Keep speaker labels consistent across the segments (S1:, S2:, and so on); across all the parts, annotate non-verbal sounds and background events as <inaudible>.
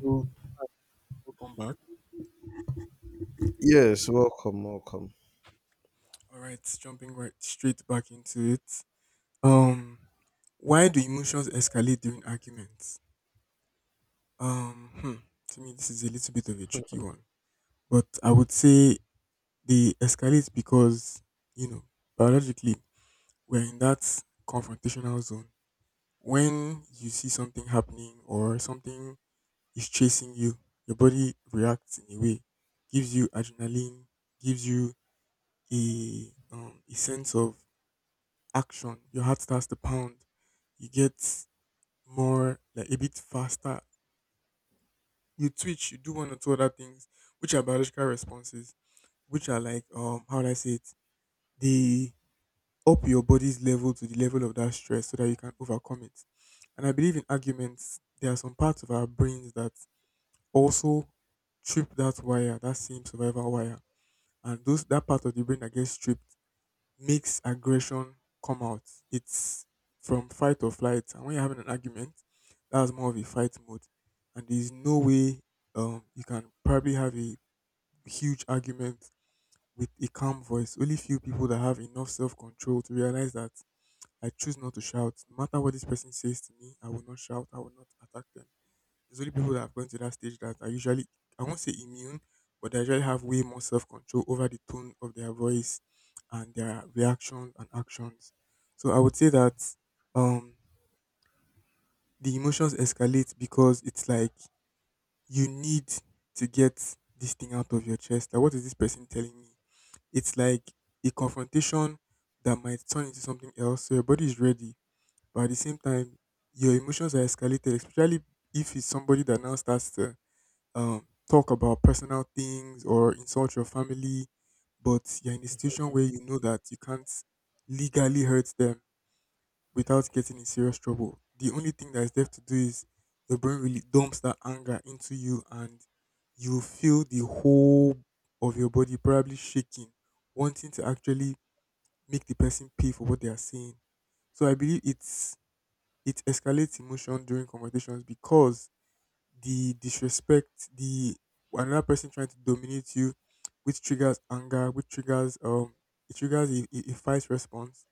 S1: So welcome back.
S2: Yes, welcome, welcome.
S1: All right, jumping right straight back into it. Um, why do emotions escalate during arguments? Um, hmm, to me, this is a little bit of a tricky one, but I would say they escalate because you know biologically we're in that confrontational zone. When you see something happening or something is chasing you, your body reacts in a way, gives you adrenaline, gives you a sense of action. Your heart starts to pound. You get more, like a bit faster. You twitch. You do one or two other things, which are biological responses, which are like, how do I say it? They up your body's level to the level of that stress so that you can overcome it. And I believe in arguments, there are some parts of our brains that also trip that wire, that same survival wire. And those that part of the brain that gets stripped makes aggression come out. It's from fight or flight. And when you're having an argument, that's more of a fight mode. And there's no way you can probably have a huge argument with a calm voice. Only few people that have enough self control to realize that I choose not to shout. No matter what this person says to me, I will not shout, I will not attack them. It's only people that have gone to that stage that are usually, I won't say immune, but they usually have way more self control over the tone of their voice and their reactions and actions. So I would say that um, the emotions escalate because it's like you need to get this thing out of your chest. Like, what is this person telling me? It's like a confrontation that might turn into something else. So your body is ready, but at the same time, your emotions are escalated, especially if it's somebody that now starts to talk about personal things or insult your family, but you're in a situation where you know that you can't legally hurt them without getting in serious trouble. The only thing that is left to do is your brain really dumps that anger into you and you feel the whole of your body probably shaking, wanting to actually make the person pay for what they are saying. So I believe it escalates emotion during conversations because the disrespect, the another person trying to dominate you, which triggers anger, which triggers a fight response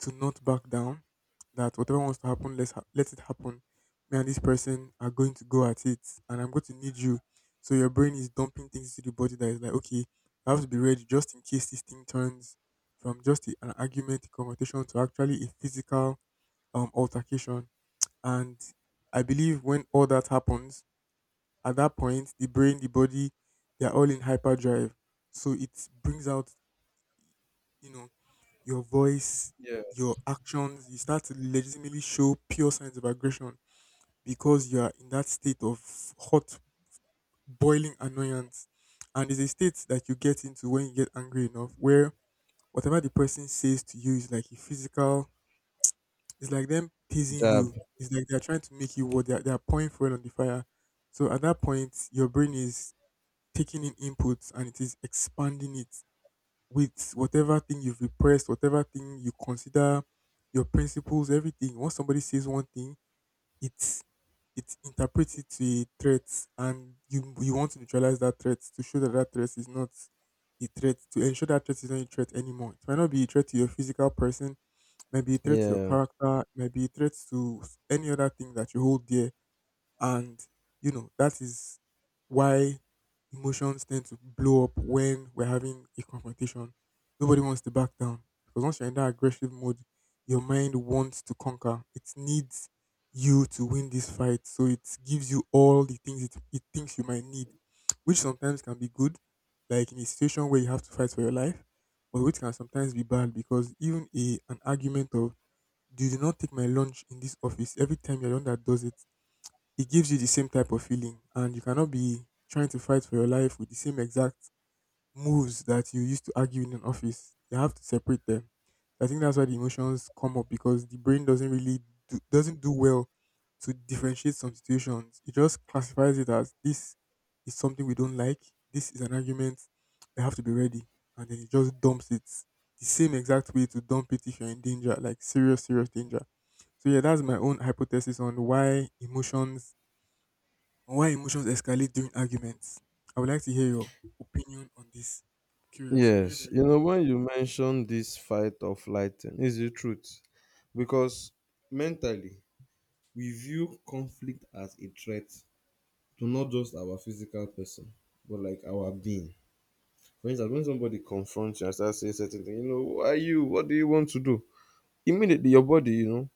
S1: to not back down. That whatever wants to happen, let it happen. Me and this person are going to go at it, and I'm going to need you. So your brain is dumping things into the body that is like, okay, I have to be ready just in case this thing turns from just an argument, a confrontation, to actually a physical altercation. And I believe when all that happens, at that point, the brain, the body, they're all in hyperdrive. So it brings out, you know, your voice,
S2: Yeah,
S1: your actions. You start to legitimately show pure signs of aggression because you are in that state of hot, boiling annoyance. And it's a state that you get into when you get angry enough, where whatever the person says to you is like a physical, it's like them teasing
S2: Jab.
S1: you. It's like they're trying to make you what they're pouring fuel on the fire. So at that point, your brain is taking in inputs and it is expanding it with whatever thing you've repressed, whatever thing you consider your principles, everything. Once somebody says one thing, it's it interprets it to a threat, and you want to neutralize that threat to show that that threat is not a threat to ensure that threat is not a threat anymore. It might not be a threat to your physical person, maybe a threat to your
S2: Yeah.
S1: character, maybe a threat to any other thing that you hold dear and, that is why emotions tend to blow up when we're having a confrontation. Nobody wants to back down because once you're in that aggressive mode, your mind wants to conquer. It needs you to win this fight. So it gives you all the things it thinks you might need, which sometimes can be good, like in a situation where you have to fight for your life, but which can sometimes be bad because even an argument of, do you not take my lunch in this office every time you're the one that does it? It gives you the same type of feeling and you cannot be trying to fight for your life with the same exact moves that you used to argue in an office. You have to separate them. I think that's why the emotions come up because the brain doesn't really doesn't do well to differentiate some situations. It just classifies it as this is something we don't like. This is an argument. We have to be ready, and then it just dumps it the same exact way to dump it if you're in danger, like serious, serious danger. So yeah, that's my own hypothesis on why emotions escalate during arguments. I would like to hear your opinion on this. Curious, very,
S2: Yes,
S1: very.
S2: when you mention this fight or flight thing, it's the truth. Because mentally, we view conflict as a threat to not just our physical person, but like our being. For instance, when somebody confronts you and starts saying certain things, you know, who are you? What do you want to do? Immediately, your body,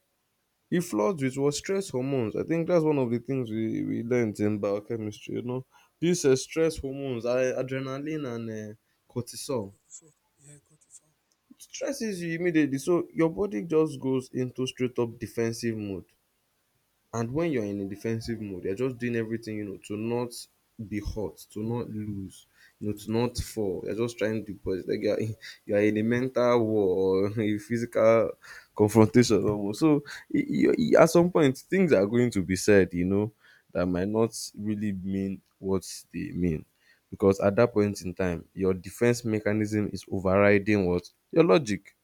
S2: it floods with what stress hormones. I think that's one of the things we learned in biochemistry. These stress hormones, adrenaline and cortisol,
S1: Cut this off. Yeah, cut it off.
S2: it stresses you immediately, so your body just goes into straight up defensive mode. And when you're in a defensive mode, you're just doing everything, to not be hot, to not lose, to not fall. You're just trying to push. Like you're, <laughs> you're in a mental war or <laughs> a physical confrontation almost. So at some point, things are going to be said, that might not really mean what they mean. Because at that point in time, your defense mechanism is overriding what? Your logic.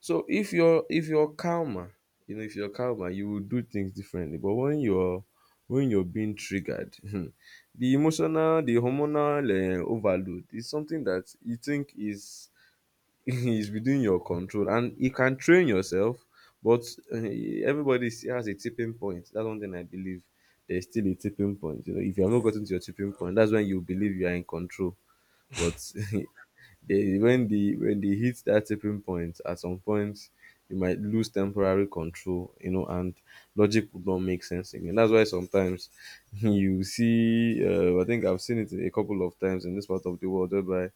S2: So if you're calmer, if you're calmer, you will do things differently. But when you're being triggered, <laughs> the emotional, the hormonal overload is something that you think is <laughs> is within your control, and you can train yourself. But uh, everybody still has a tipping point. That's one thing I believe. There's still a tipping point. If you have
S1: Hmm.
S2: not
S1: Yeah.
S2: gotten to your tipping point, that's when you believe you are in control.
S1: Okay.
S2: But <laughs> they when the when they hit that tipping point at some point, you might lose temporary control, and logic would not make sense again. That's why sometimes <laughs> you see, I think I've seen it a couple of times in this part of the world, whereby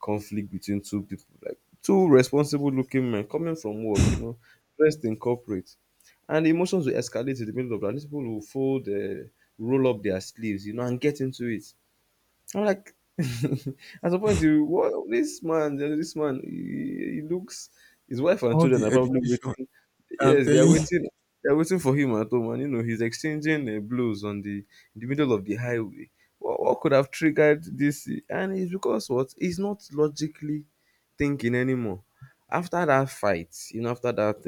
S2: conflict between two people, like two responsible looking men coming from work, dressed in corporate, and emotions will escalate in the middle of that, these people will fold, roll up their sleeves, and get into it. I'm like, <laughs> at some point, you what, this man, he looks, his wife
S1: <laughs>
S2: and
S1: All
S2: children
S1: the
S2: are probably
S1: education,
S2: waiting.
S1: I'm
S2: Yes, they are
S1: telling you.
S2: waiting. They are waiting for him at home, and he's exchanging blows on the in the middle of the highway. What could have triggered this? And it's because what, he's not logically thinking anymore. After that fight, after that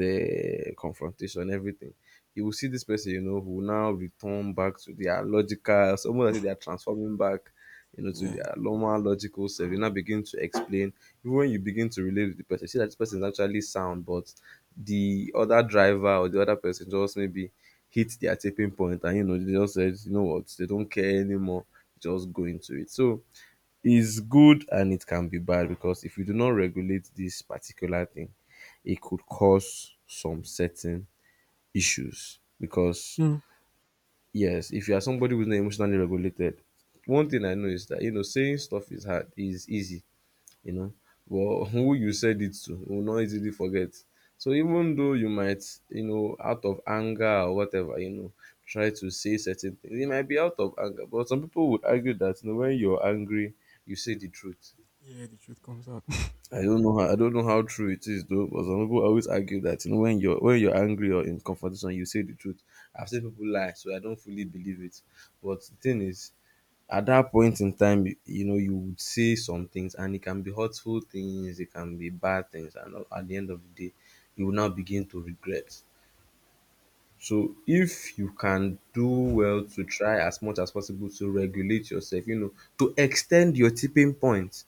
S2: confrontation, everything, you will see this person, who will now return back to their logical. Some of them, they are transforming back, to
S1: Yeah.
S2: their normal logical self. You now begin to explain. Even when you begin to relate with the person, you see that this person is actually sound, but the other driver or the other person just maybe hit their tipping point, and they just said, you know what, they don't care anymore, just go into it. So it's good, and it can be bad, because if you do not regulate this particular thing, it could cause some certain issues because,
S1: Hmm.
S2: yes, if you are somebody who's not emotionally regulated, one thing I know is that saying stuff is hard is easy, you know, but <laughs> who you said it to will not easily forget. So even though you might, out of anger or whatever, try to say certain things, it might be out of anger. But some people would argue that, when you're angry, you say the truth.
S1: Yeah, the truth comes out. <laughs>
S2: I don't know how true it is though, but some people always argue that, when you're angry or in confrontation, you say the truth. I've seen people lie, so I don't fully believe it. But the thing is, at that point in time, you would say some things, and it can be hurtful things, it can be bad things, and at the end of the day, you will now begin to regret. So if you can do well to try as much as possible to regulate yourself, to extend your tipping point.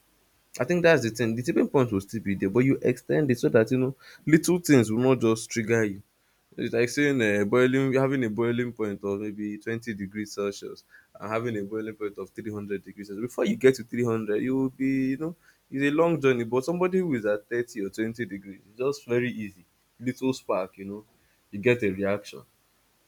S2: I think that's the thing. The tipping point will still be there, but you extend it so that, little things will not just trigger you. It's like saying, boiling, having a boiling point of maybe 20 degrees Celsius and having a boiling point of 300 degrees Celsius. Before you get to 300, you will be, it's a long journey. But somebody who is at 30 or 20 degrees, it's just very easy. Little spark, you get a reaction.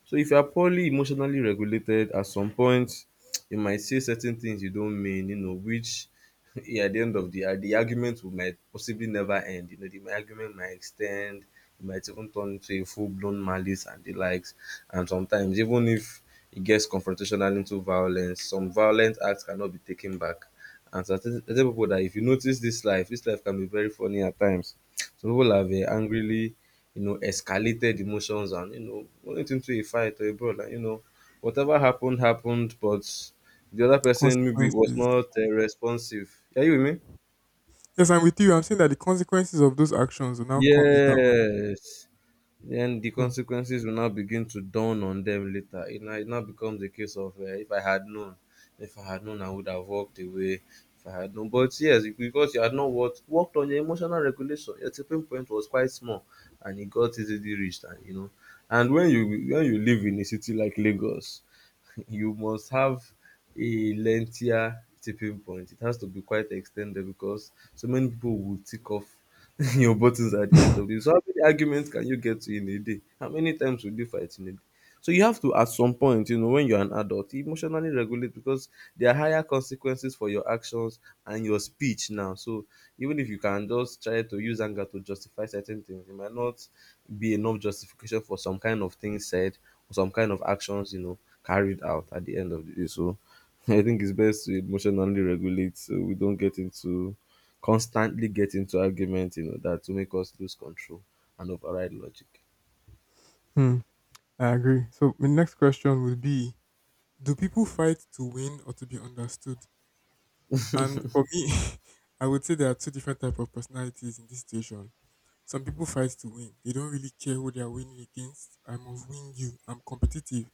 S2: So if you are poorly emotionally regulated, at some point, you might say certain things you don't mean, which <laughs> yeah, at the end of the argument will might possibly never end. The argument might extend, it might even turn into a full blown malice and the likes. And sometimes, even if it gets confrontational into violence, some violent acts cannot be taken back. And certain people, that if you notice, this life can be very funny at times. Some people have, angrily, escalated emotions, and went into a fight or a brawl. And, whatever happened happened, but the other person maybe was
S1: Consequences.
S2: not responsive. Are you with me?
S1: Yes, I'm with you. I'm saying that the consequences of those actions will now come later on.
S2: Yes. Then the
S1: Hmm.
S2: consequences will now begin to dawn on them later. It now becomes a case of, if I had known, if I had known, I would have walked away. If I had known. But yes, because you had not worked on your emotional regulation, your tipping point was quite small, and it got easily reached. And and when you live in a city like Lagos, <laughs> you must have a lengthier tipping point. It has to be quite extended because so many people will tick off <laughs> your buttons at the end
S1: <laughs>
S2: of this. So how many arguments can you get to in a day? How many times will you fight in a day? So you have to, at some point, when you're an adult, emotionally regulate, because there are higher consequences for your actions and your speech now. So, even if you can just try to use anger to justify certain things, it might not be enough justification for some kind of things said, or some kind of actions, carried out at the end of the day. So <laughs> I think it's best to emotionally regulate so we don't get into constantly get into argument, that to make us lose control and override logic.
S1: Hmm. I agree. So my next question would be: Do people fight to win or to be understood? And for me, <laughs> I would say there are two different type of personalities in this situation. Some people fight to win. They don't really care who they are winning against. I must win you. I'm competitive.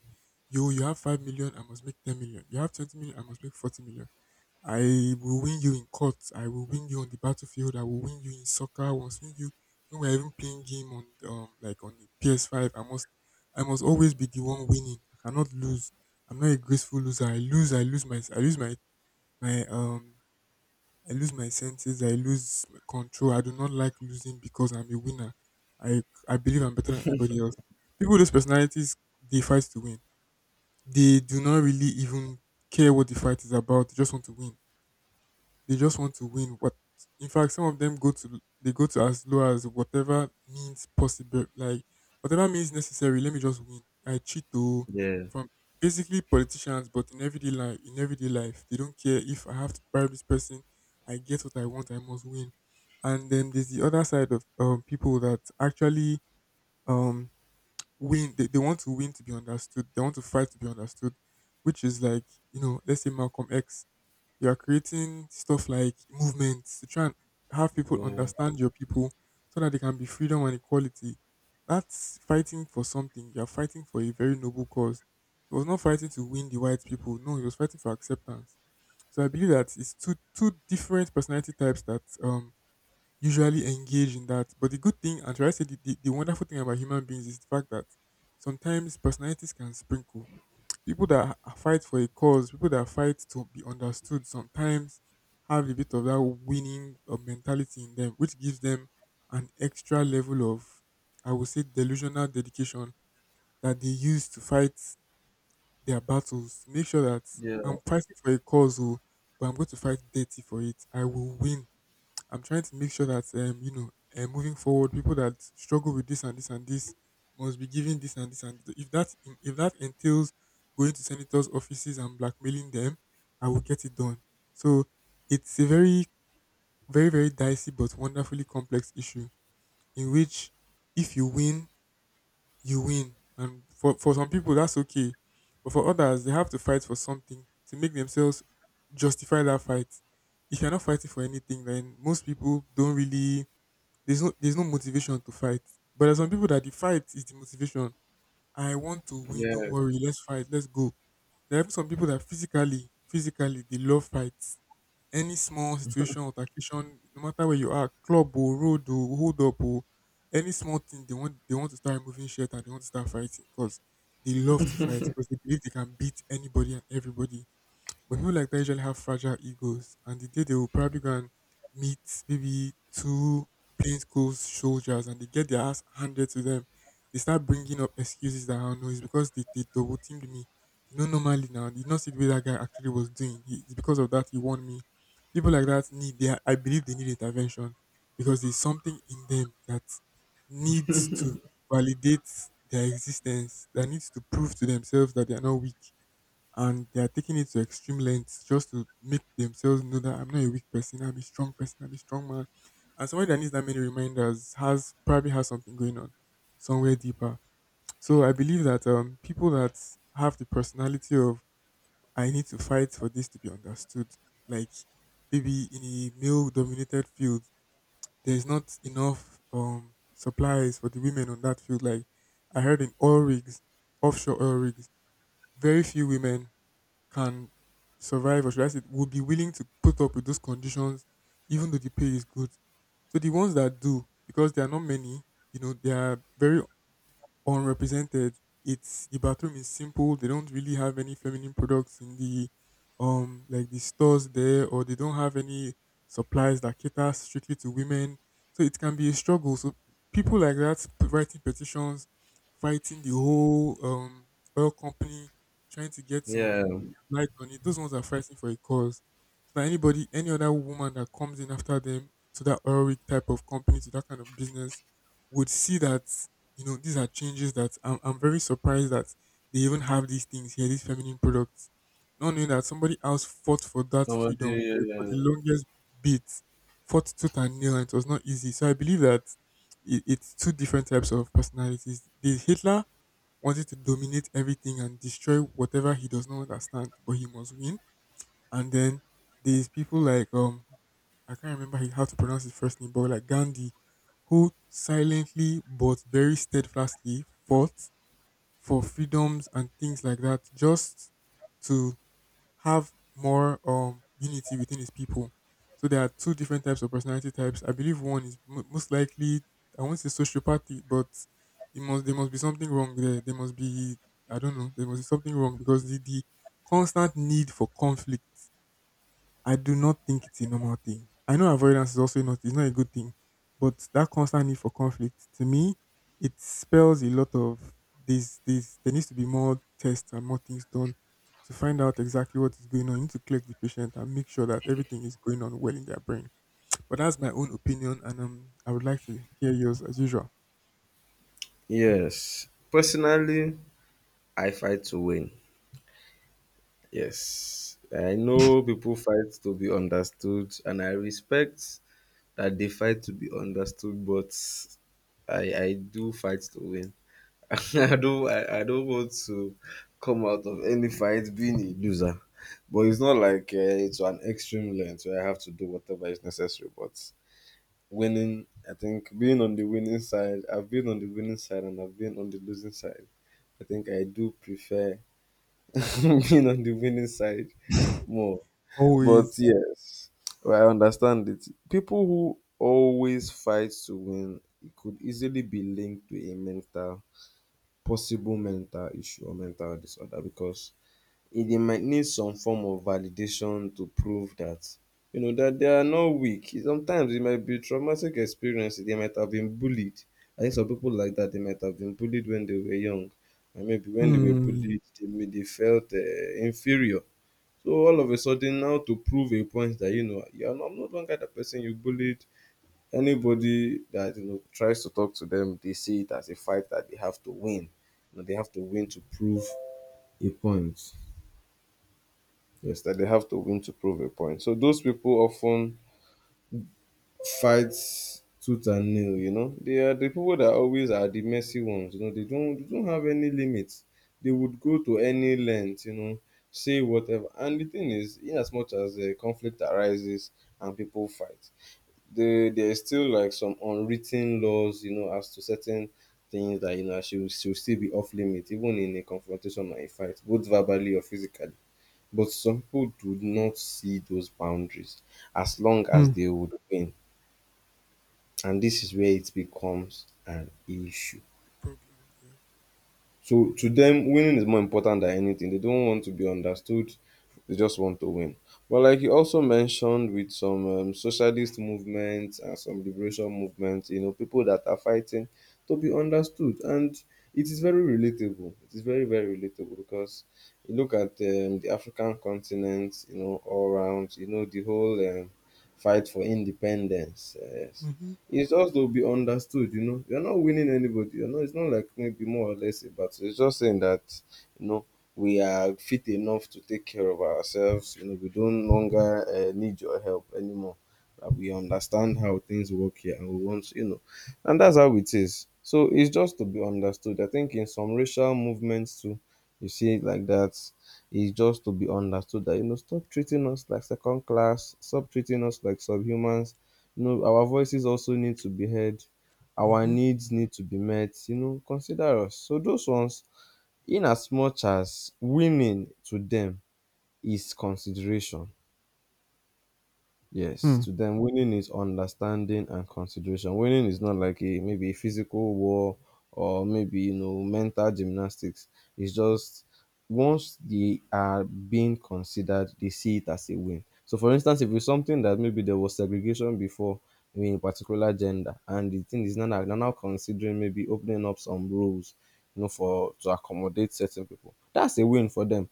S1: You have 5 million. I must make 10 million. You have 20 million. I must make 40 million. I will win you in court. I will win you on the battlefield. I will win you in soccer. I must win you when we're even playing game on, like, on the PS5. I must always be the one winning. I cannot lose. I'm not a graceful loser. I lose. I lose my my I lose my senses. I lose my control. I do not like losing because I'm a winner. I I believe I'm better than anybody else. People with those personalities, they fight to win. They do not really even care what the fight is about. They just want to win. They just want to win. What? In fact, some of them go to as low as whatever means possible, like whatever means necessary. Let me just win. I cheat though.
S2: Yeah.
S1: From basically politicians, but in everyday life, they don't care if I have to bribe this person. I get what I want. I must win. And then there's the other side of people that actually um, win. They want to win to be understood. They want to fight to be understood, which is like let's say Malcolm X, you are creating stuff like movements to try and have people
S2: Yeah.
S1: understand your people so that there can be freedom and equality. That's fighting for something. You are fighting for a very noble cause. He was not fighting to win the white people. No, he was fighting for acceptance. So I believe that it's two different personality types that usually engage in that. But the good thing, and should I say the wonderful thing about human beings, is the fact that sometimes personalities can sprinkle, people that fight for a cause, people that fight to be understood sometimes have a bit of that winning mentality in them, which gives them an extra level of, I would say, delusional dedication that they use to fight their battles. To make sure that
S2: Yeah.
S1: I'm fighting for a cause, oh, but I'm going to fight dirty for it. I will win I'm trying to make sure that moving forward, people that struggle with this and this and this must be given this and this and this. If that entails going to senators' offices and blackmailing them, I will get it done. So it's a very very very dicey but wonderfully complex issue in which if you win, you win, and for some people that's okay, but for others they have to fight for something to make themselves justify that fight. If you're not fighting for anything, then most people don't really there's no motivation to fight. But there's some people that the fight is the motivation. I want to win. Don't
S2: Yeah,
S1: worry. Let's fight. Let's go. There are even some people that physically, they love fights. Any small situation or occasion, no matter where you are, club or road or hold up or any small thing, they want to start moving shit and they want to start fighting because they love to fight because they believe they can beat anybody and everybody. But people like that usually have fragile egos, and the day they will probably go and meet maybe two plainclothes soldiers and they get their ass handed to them, they start bringing up excuses that I know it's because they double teamed me. Normally now, see the way that guy actually was doing. He, it's because of that he warned me. People like that need, they are, I believe they need intervention because there's something in them that needs to validate their existence, that needs to prove to themselves that they are not weak and they are taking it to extreme lengths just to make themselves know that I'm not a weak person, I'm a strong person, I'm a strong man. And somebody that needs that many reminders has probably has something going on somewhere deeper. So I believe that people that have the personality of I need to fight for this to be understood, like maybe in a male-dominated field, there's not enough supplies for the women on that field. Like I heard in oil rigs, offshore oil rigs, very few women can survive or should I say would be willing to put up with those conditions even though the pay is good. So the ones that do, because there are not many, they are very unrepresented. It's the bathroom is simple. They don't really have any feminine products in the like the stores there, or they don't have any supplies that cater strictly to women. So it can be a struggle. So people like that writing petitions, fighting the whole oil company, trying to get
S2: yeah.
S1: some light on it. Those ones are fighting for a cause. So that anybody, any other woman that comes in after them to that oil rig type of company, to that kind of business, would see that these are changes that I'm very surprised that they even have these things here, these feminine products. Not knowing that somebody else fought for that freedom
S2: Somebody,
S1: for the longest bit, fought tooth and nail, and it was not easy. So I believe that it's two different types of personalities. The Hitler wanted to dominate everything and destroy whatever he does not understand, but he must win and then there's people like I can't remember how to pronounce his first name, but like Gandhi, who silently but very steadfastly fought for freedoms and things like that, just to have more unity within his people. So there are two different types of personality types. I believe one is mo most likely I won't say sociopathy, but it must there must be something wrong there. There must be I don't know. There must be something wrong because the constant need for conflict I do not think it's a normal thing. I know avoidance is also not it's not a good thing, but that constant need for conflict to me, it spells a lot of this there needs to be more tests and more things done to find out exactly what is going on. You need to collect the patient and make sure that everything is going on well in their brain. But that's my own opinion and I would like to hear yours as usual.
S2: yes. Personally, I fight to win. Yes. I know people fight to be understood, and I respect that they fight to be understood, but I do fight to win. <laughs> I don't want to come out of any fight being a loser. But it's not like, it's an extreme length where I have to do whatever is necessary. But winning. I think being on the winning side, I've been on the winning side, and I've been on the losing side. I think I do prefer <laughs> being on the winning side more.
S1: Always.
S2: But yes, well, I understand it. People who always fight to win, it could easily be linked to a mental, possible mental issue or mental disorder, because e dey might need some form of validation to prove that, that they are not weak. Sometimes it might be traumatic experiences. They might have been bullied. I think some people like that, they might have been bullied when they were young, and maybe when they were
S1: Hmm,
S2: bullied, they felt, inferior. So all of a sudden, now to prove a point that, you are not, no longer the person you bullied. Anybody that, tries to talk to them, they see it as a fight that they have to win. They have to win to prove a point. Yes, that they have to win to prove a point. So those people often fight tooth and nail. They are the people that always are the messy ones, they don't have any limits. They would go to any length, say whatever. And the thing is, in as much as a conflict arises and people fight, there's still like some unwritten laws, as to certain things that, should still be off limit, even in a confrontation or a fight, both verbally or physically. But some people do not see those boundaries as long as
S1: hmm.
S2: they would win. And this is where it becomes an issue.
S1: Problem, yeah.
S2: So to them, winning is more important than anything. They don't want to be understood. They just want to win. But like you also mentioned, with some socialist movements and some liberation movements, you know, people that are fighting to be understood, and it is very relatable. It is very very relatable because you look at the African continent, you know, all around, you know, the whole fight for independence. Yes,
S1: Mm-hmm.
S2: it's just to be understood, you know. You're not winning anybody, you know. It's not like maybe more or less a battle. It's just saying that, you know, we are fit enough to take care of ourselves, you know. We don't longer need your help anymore, that we understand how things work here and we want, you know, and that's how it is. So it's just to be understood. I think in some racial movements too you see it like that. It's just to be understood that, you know, stop treating us like second class, stop treating us like subhumans. You know, our voices also need to be heard. Our
S1: Mm-hmm.
S2: needs need to be met. You know, consider us. So those ones, in as much as winning to them is consideration. Yes,
S1: Hmm.
S2: to them, winning is understanding and consideration. Winning is not like a maybe a physical war or maybe, you know, mental gymnastics. It's just once they are being considered, they see it as a win. So, for instance, if it's something that maybe there was segregation before in a particular gender, and the thing is now that they're now considering maybe opening up some rules, you know, for to accommodate certain people, that's a win for them.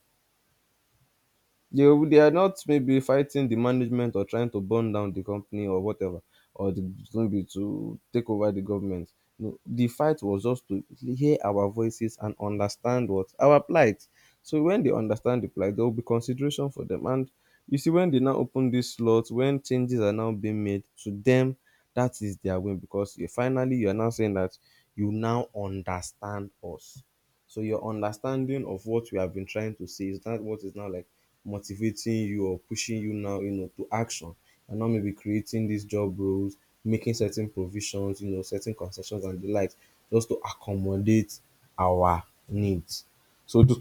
S2: They are not maybe fighting the management or trying to burn down the company or whatever, or the, maybe to take over the government. No, the fight was just to hear our voices and understand what our plight. So when they understand the plight, there will be consideration for them. And you see, when they now open this slot, when changes are now being made to them, that is their win, because you, finally you are now saying that you now understand us. So your understanding of what we have been trying to say is that what is now like motivating you or pushing you now, you know, to action and not maybe creating these job roles, making certain provisions, you know, certain concessions and the likes, just to accommodate our needs. So th-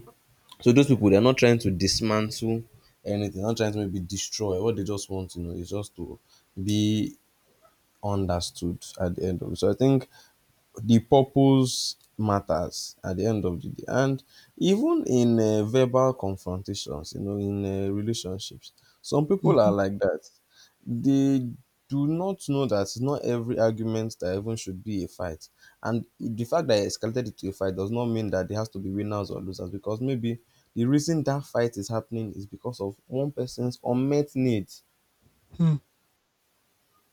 S2: so those people, they're not trying to dismantle anything, not trying to maybe destroy. What they just want, you know, is just to be understood at the end of it. So I think the purpose matters at the end of the day. And even in verbal confrontations, you know, in relationships, some people
S1: Mm-hmm.
S2: are like that. They do not know that not every argument that even should be a fight. And the fact that it escalated it to a fight does not mean that there has to be winners or losers, because maybe the reason that fight is happening is because of one person's unmet need.
S1: Hmm.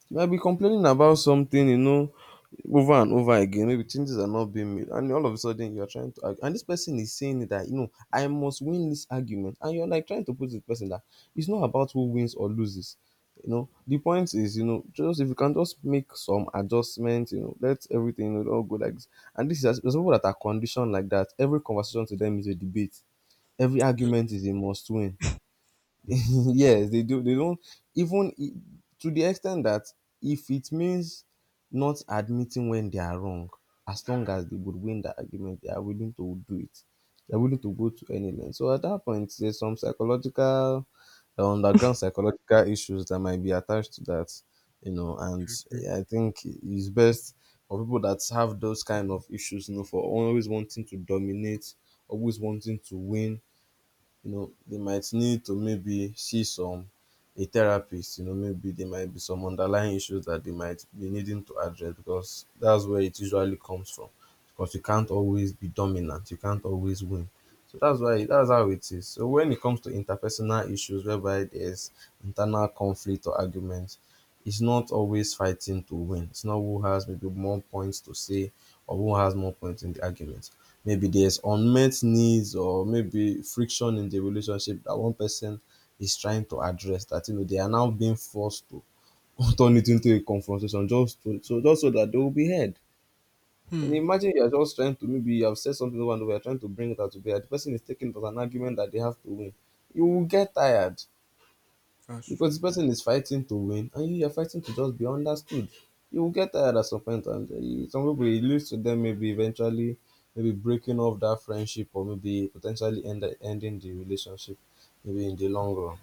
S2: You might be complaining about something, you know, over and over again. Maybe changes are not being made, and all of a sudden you are trying to argue. And this person is saying that, you know, I must win this argument. And you're like trying to prove to the person that it's not about who wins or loses. You know, the point is, you know, just if you can just make some adjustments, you know, let everything, you know, all go like this. And this is there's people that are conditioned like that. Every conversation to them is a debate. Every argument is a must win. <laughs> Yes, they do. They don't even to the extent that if it means not admitting when they are wrong, as long as they would win the argument, they are willing to do it. They're willing to go to any length. So at that point, there's some psychological, underground psychological issues that might be attached to that, you know. And
S1: I agree.
S2: I think it's best for people that have those kind of issues, you know, for always wanting to dominate, always wanting to win, you know, they might need to maybe see some a therapist, you know. Maybe there might be some underlying issues that they might be needing to address, because that's where it usually comes from. Because you can't always be dominant, you can't always win. So that's why, that's how it is. So when it comes to interpersonal issues whereby there's internal conflict or arguments, it's not always fighting to win. It's not who has maybe more points to say or who has more points in the argument. Maybe there's unmet needs or maybe friction in the relationship that one person is trying to address, that, you know, they are now being forced to <laughs> turn it into a confrontation just to, so just so that they will be heard. And
S1: Hmm.
S2: imagine you are just trying to maybe you have said something over and over, you are trying to bring it out to bear. The person is taking it as an argument that they have to win. You will get tired
S1: That's
S2: because
S1: true.
S2: the person is fighting to win and you are fighting to just be understood. You will get tired at some point, and eh, some people it leads to them maybe eventually maybe breaking off that friendship or maybe potentially end, ending the relationship maybe in the long run.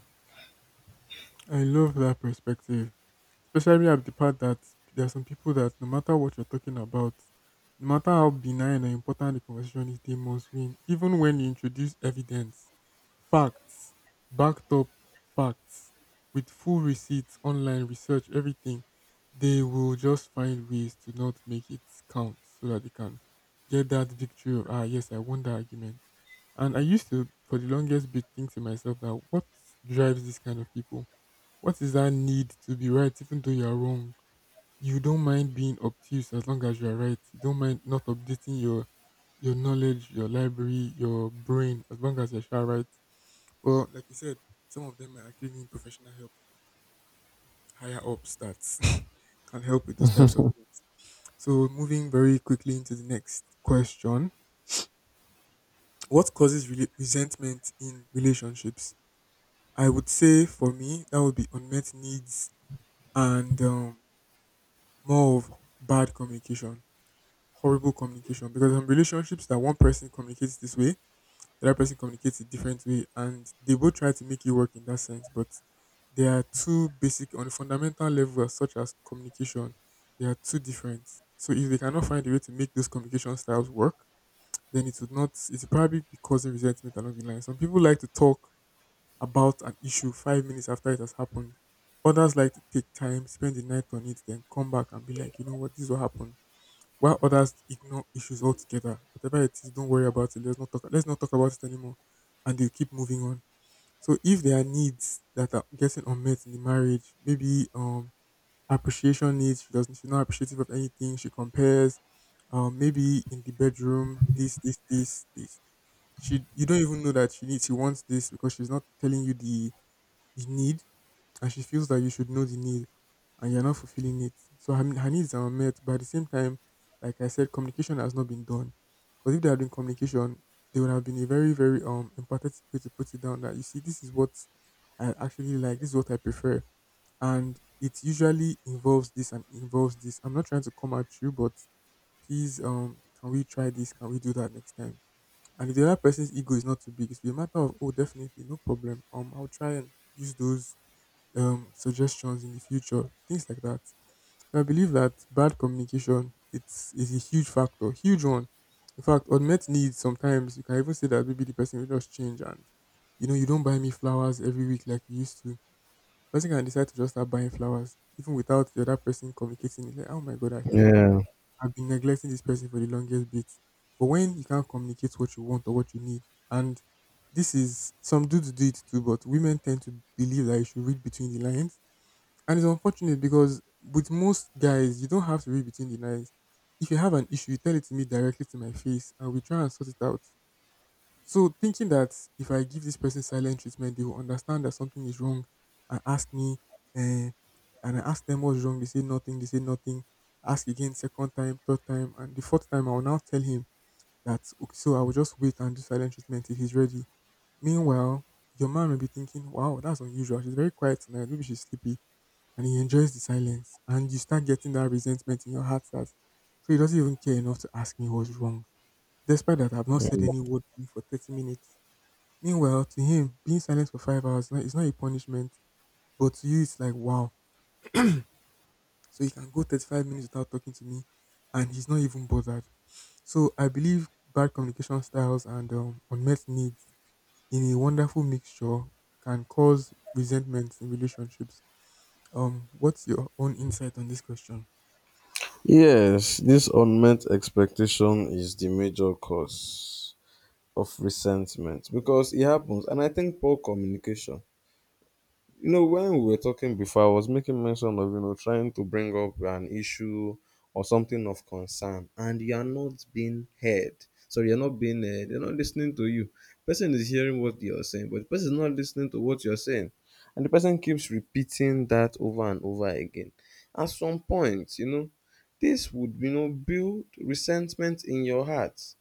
S1: I love that perspective, especially at the part that there are some people that no matter what you're talking about, no matter how benign and important the conversation is, they must win. Even when you introduce evidence, facts, backed up facts, with full receipts, online research, everything, they will just find ways to not make it count so that they can get that victory of, ah, yes, I won the argument. And I used to, for the longest bit, think to myself that what drives this kind of people? What is that need to be right even though you are wrong? You don't mind being obtuse as long as you are right. You don't mind not updating your knowledge, your library, your brain as long as you're sure right. Well, like you said, some of them are actually need professional help from higher ups that <laughs> can help with those types of things. So moving very quickly into the next question. What causes resentment in relationships? I would say for me that would be unmet needs and more of bad communication, horrible communication. Because some relationships that one person communicates this way, the other person communicates a different way, and they both try to make it work in that sense. But they are two basic on a fundamental level, such as communication, they are two different. So if they cannot find a way to make those communication styles work, then it would not it would probably be causing resentment along the line. Some people like to talk about an issue 5 minutes after it has happened. Others like to take time, spend the night on it, then come back and be like, you know what, this will happen while others ignore issues altogether. Whatever it is, don't worry about it. Let's not talk. Let's not talk about it anymore, and they keep moving on. So if there are needs that are getting unmet in the marriage, maybe appreciation needs. She doesn't. She's not appreciative of anything. She compares. Maybe in the bedroom, this, this, this, this. She you don't even know that she needs. She wants this because she's not telling you the need and she feels that you should know the need and you're not fulfilling it. So her needs are met, but at the same time, like I said, communication has not been done. Because if there had been communication, there would have been a very, very empathetic way to put it down that you see, this is what I actually like, this is what I prefer. And it usually involves this and involves this. I'm not trying to come at you, but please can we try this? Can we do that next time? And if the other person's ego is not too big, it's be a matter of oh definitely, no problem. Um, I'll try and use those suggestions in the future, things like that. So I believe that bad communication it's is a huge factor, huge one. In fact, unmet needs sometimes you can even say that maybe the person will just change and you know you don't buy me flowers every week like you used to. Person can decide to just start buying flowers even without the other person communicating. It's like, oh my god,
S2: Yeah.
S1: I've been neglecting this person for the longest bit. But when you can't communicate what you want or what you need, and this is some dudes do it too, but women tend to believe that you should read between the lines and it's unfortunate because with most guys, you don't have to read between the lines. If you have an issue, you tell it to me directly to my face and we try and sort it out. So thinking that if I give this person silent treatment, they will understand that something is wrong and ask me eh, and I ask them what's wrong, they say nothing, they say nothing. Ask again second time, third time, and the fourth time I will now tell him that okay, so I will just wait and do silent treatment till he's ready. Meanwhile, your man may be thinking, wow, that's unusual. She's very quiet tonight. Maybe she's sleepy and he enjoys the silence. And you start getting that resentment in your heart that so he doesn't even care enough to ask me what's wrong. Despite that, I've not said any word to you for 30 minutes. Meanwhile, to him, being silent for 5 hours no, it's not a punishment, but to you, it's like, wow. So he can go 35 minutes without talking to me, and he's not even bothered. So I believe bad communication styles and unmet needs in a wonderful mixture can cause resentment in relationships. What's your own insight on this question?
S2: Yes, this unmet expectation is the major cause of resentment, because it happens, and I think poor communication, you know, when we were talking before, I was making mention of, you know, trying to bring up an issue or something of concern and you are not being heard. So you're not being they're not listening to you. Person is hearing what you're saying, but the person is not listening to what you're saying, and the person keeps repeating that over and over again. At some point, you know, this would, you know, build resentment in your heart,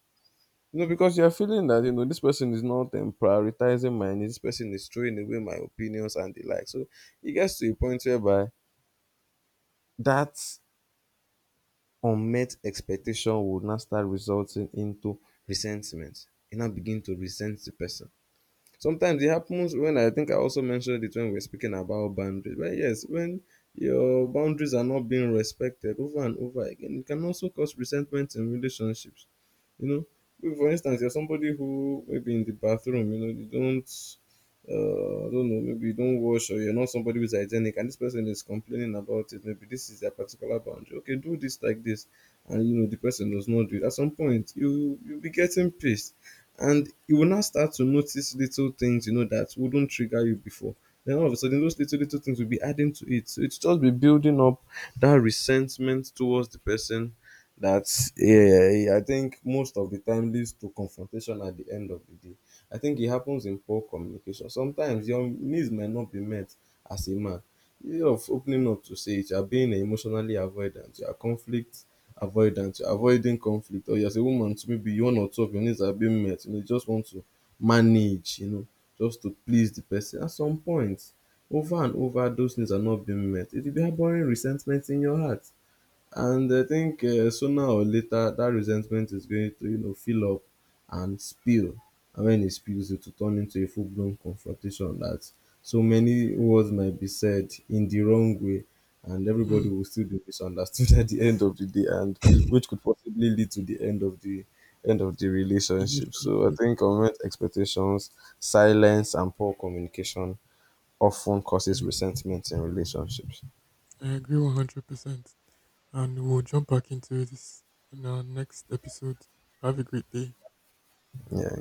S2: you know, because you're feeling that, you know, this person is not prioritizing my needs, this person is throwing away my opinions and the like. So it gets to a point whereby that unmet expectation will now start resulting into resentment. You now begin to resent the person. Sometimes it happens when, I think I also mentioned it when we were speaking about boundaries. But yes, when your boundaries are not being respected over and over again, it can also cause resentment in relationships. You know, if, for instance, you're somebody who maybe in the bathroom, you know, you don't, I don't know, maybe you don't wash or you're not somebody who's hygienic, and this person is complaining about it. Maybe this is their particular boundary. Okay, do this like this, and you know the person does not do it. At some point, you'll be getting pissed, and you will now start to notice little things, you know, that wouldn't trigger you before. Then all of a sudden, those little little things will be adding to it. So it's just be building up that resentment towards the person, that yeah, yeah, I think most of the time leads to confrontation at the end of the day. I think it happens in poor communication. Sometimes your needs might not be met as a man. Instead of opening up to say it, you are being emotionally avoidant, you are conflict avoidant, you are avoiding conflict, or you're a woman, so maybe one or two of your needs are being met. You know, you just want to manage, you know, just to please the person. At some point, over and over, those needs are not being met. It will be harboring resentment in your heart. And I think sooner or later, that resentment is going to, you know, fill up and spill. And when it spills, it will turn into a full blown confrontation that so many words might be said in the wrong way, and everybody
S1: Hmm,
S2: will still be misunderstood <laughs> at the end of the day, and which could possibly lead to the end of the end of the relationship. So I
S1: relationship
S2: think unmet expectations, silence, and poor communication often causes
S1: thing.
S2: resentment in relationships.
S1: I agree 100%. And we'll jump back into this in our next episode. Have a great day.
S2: Yeah.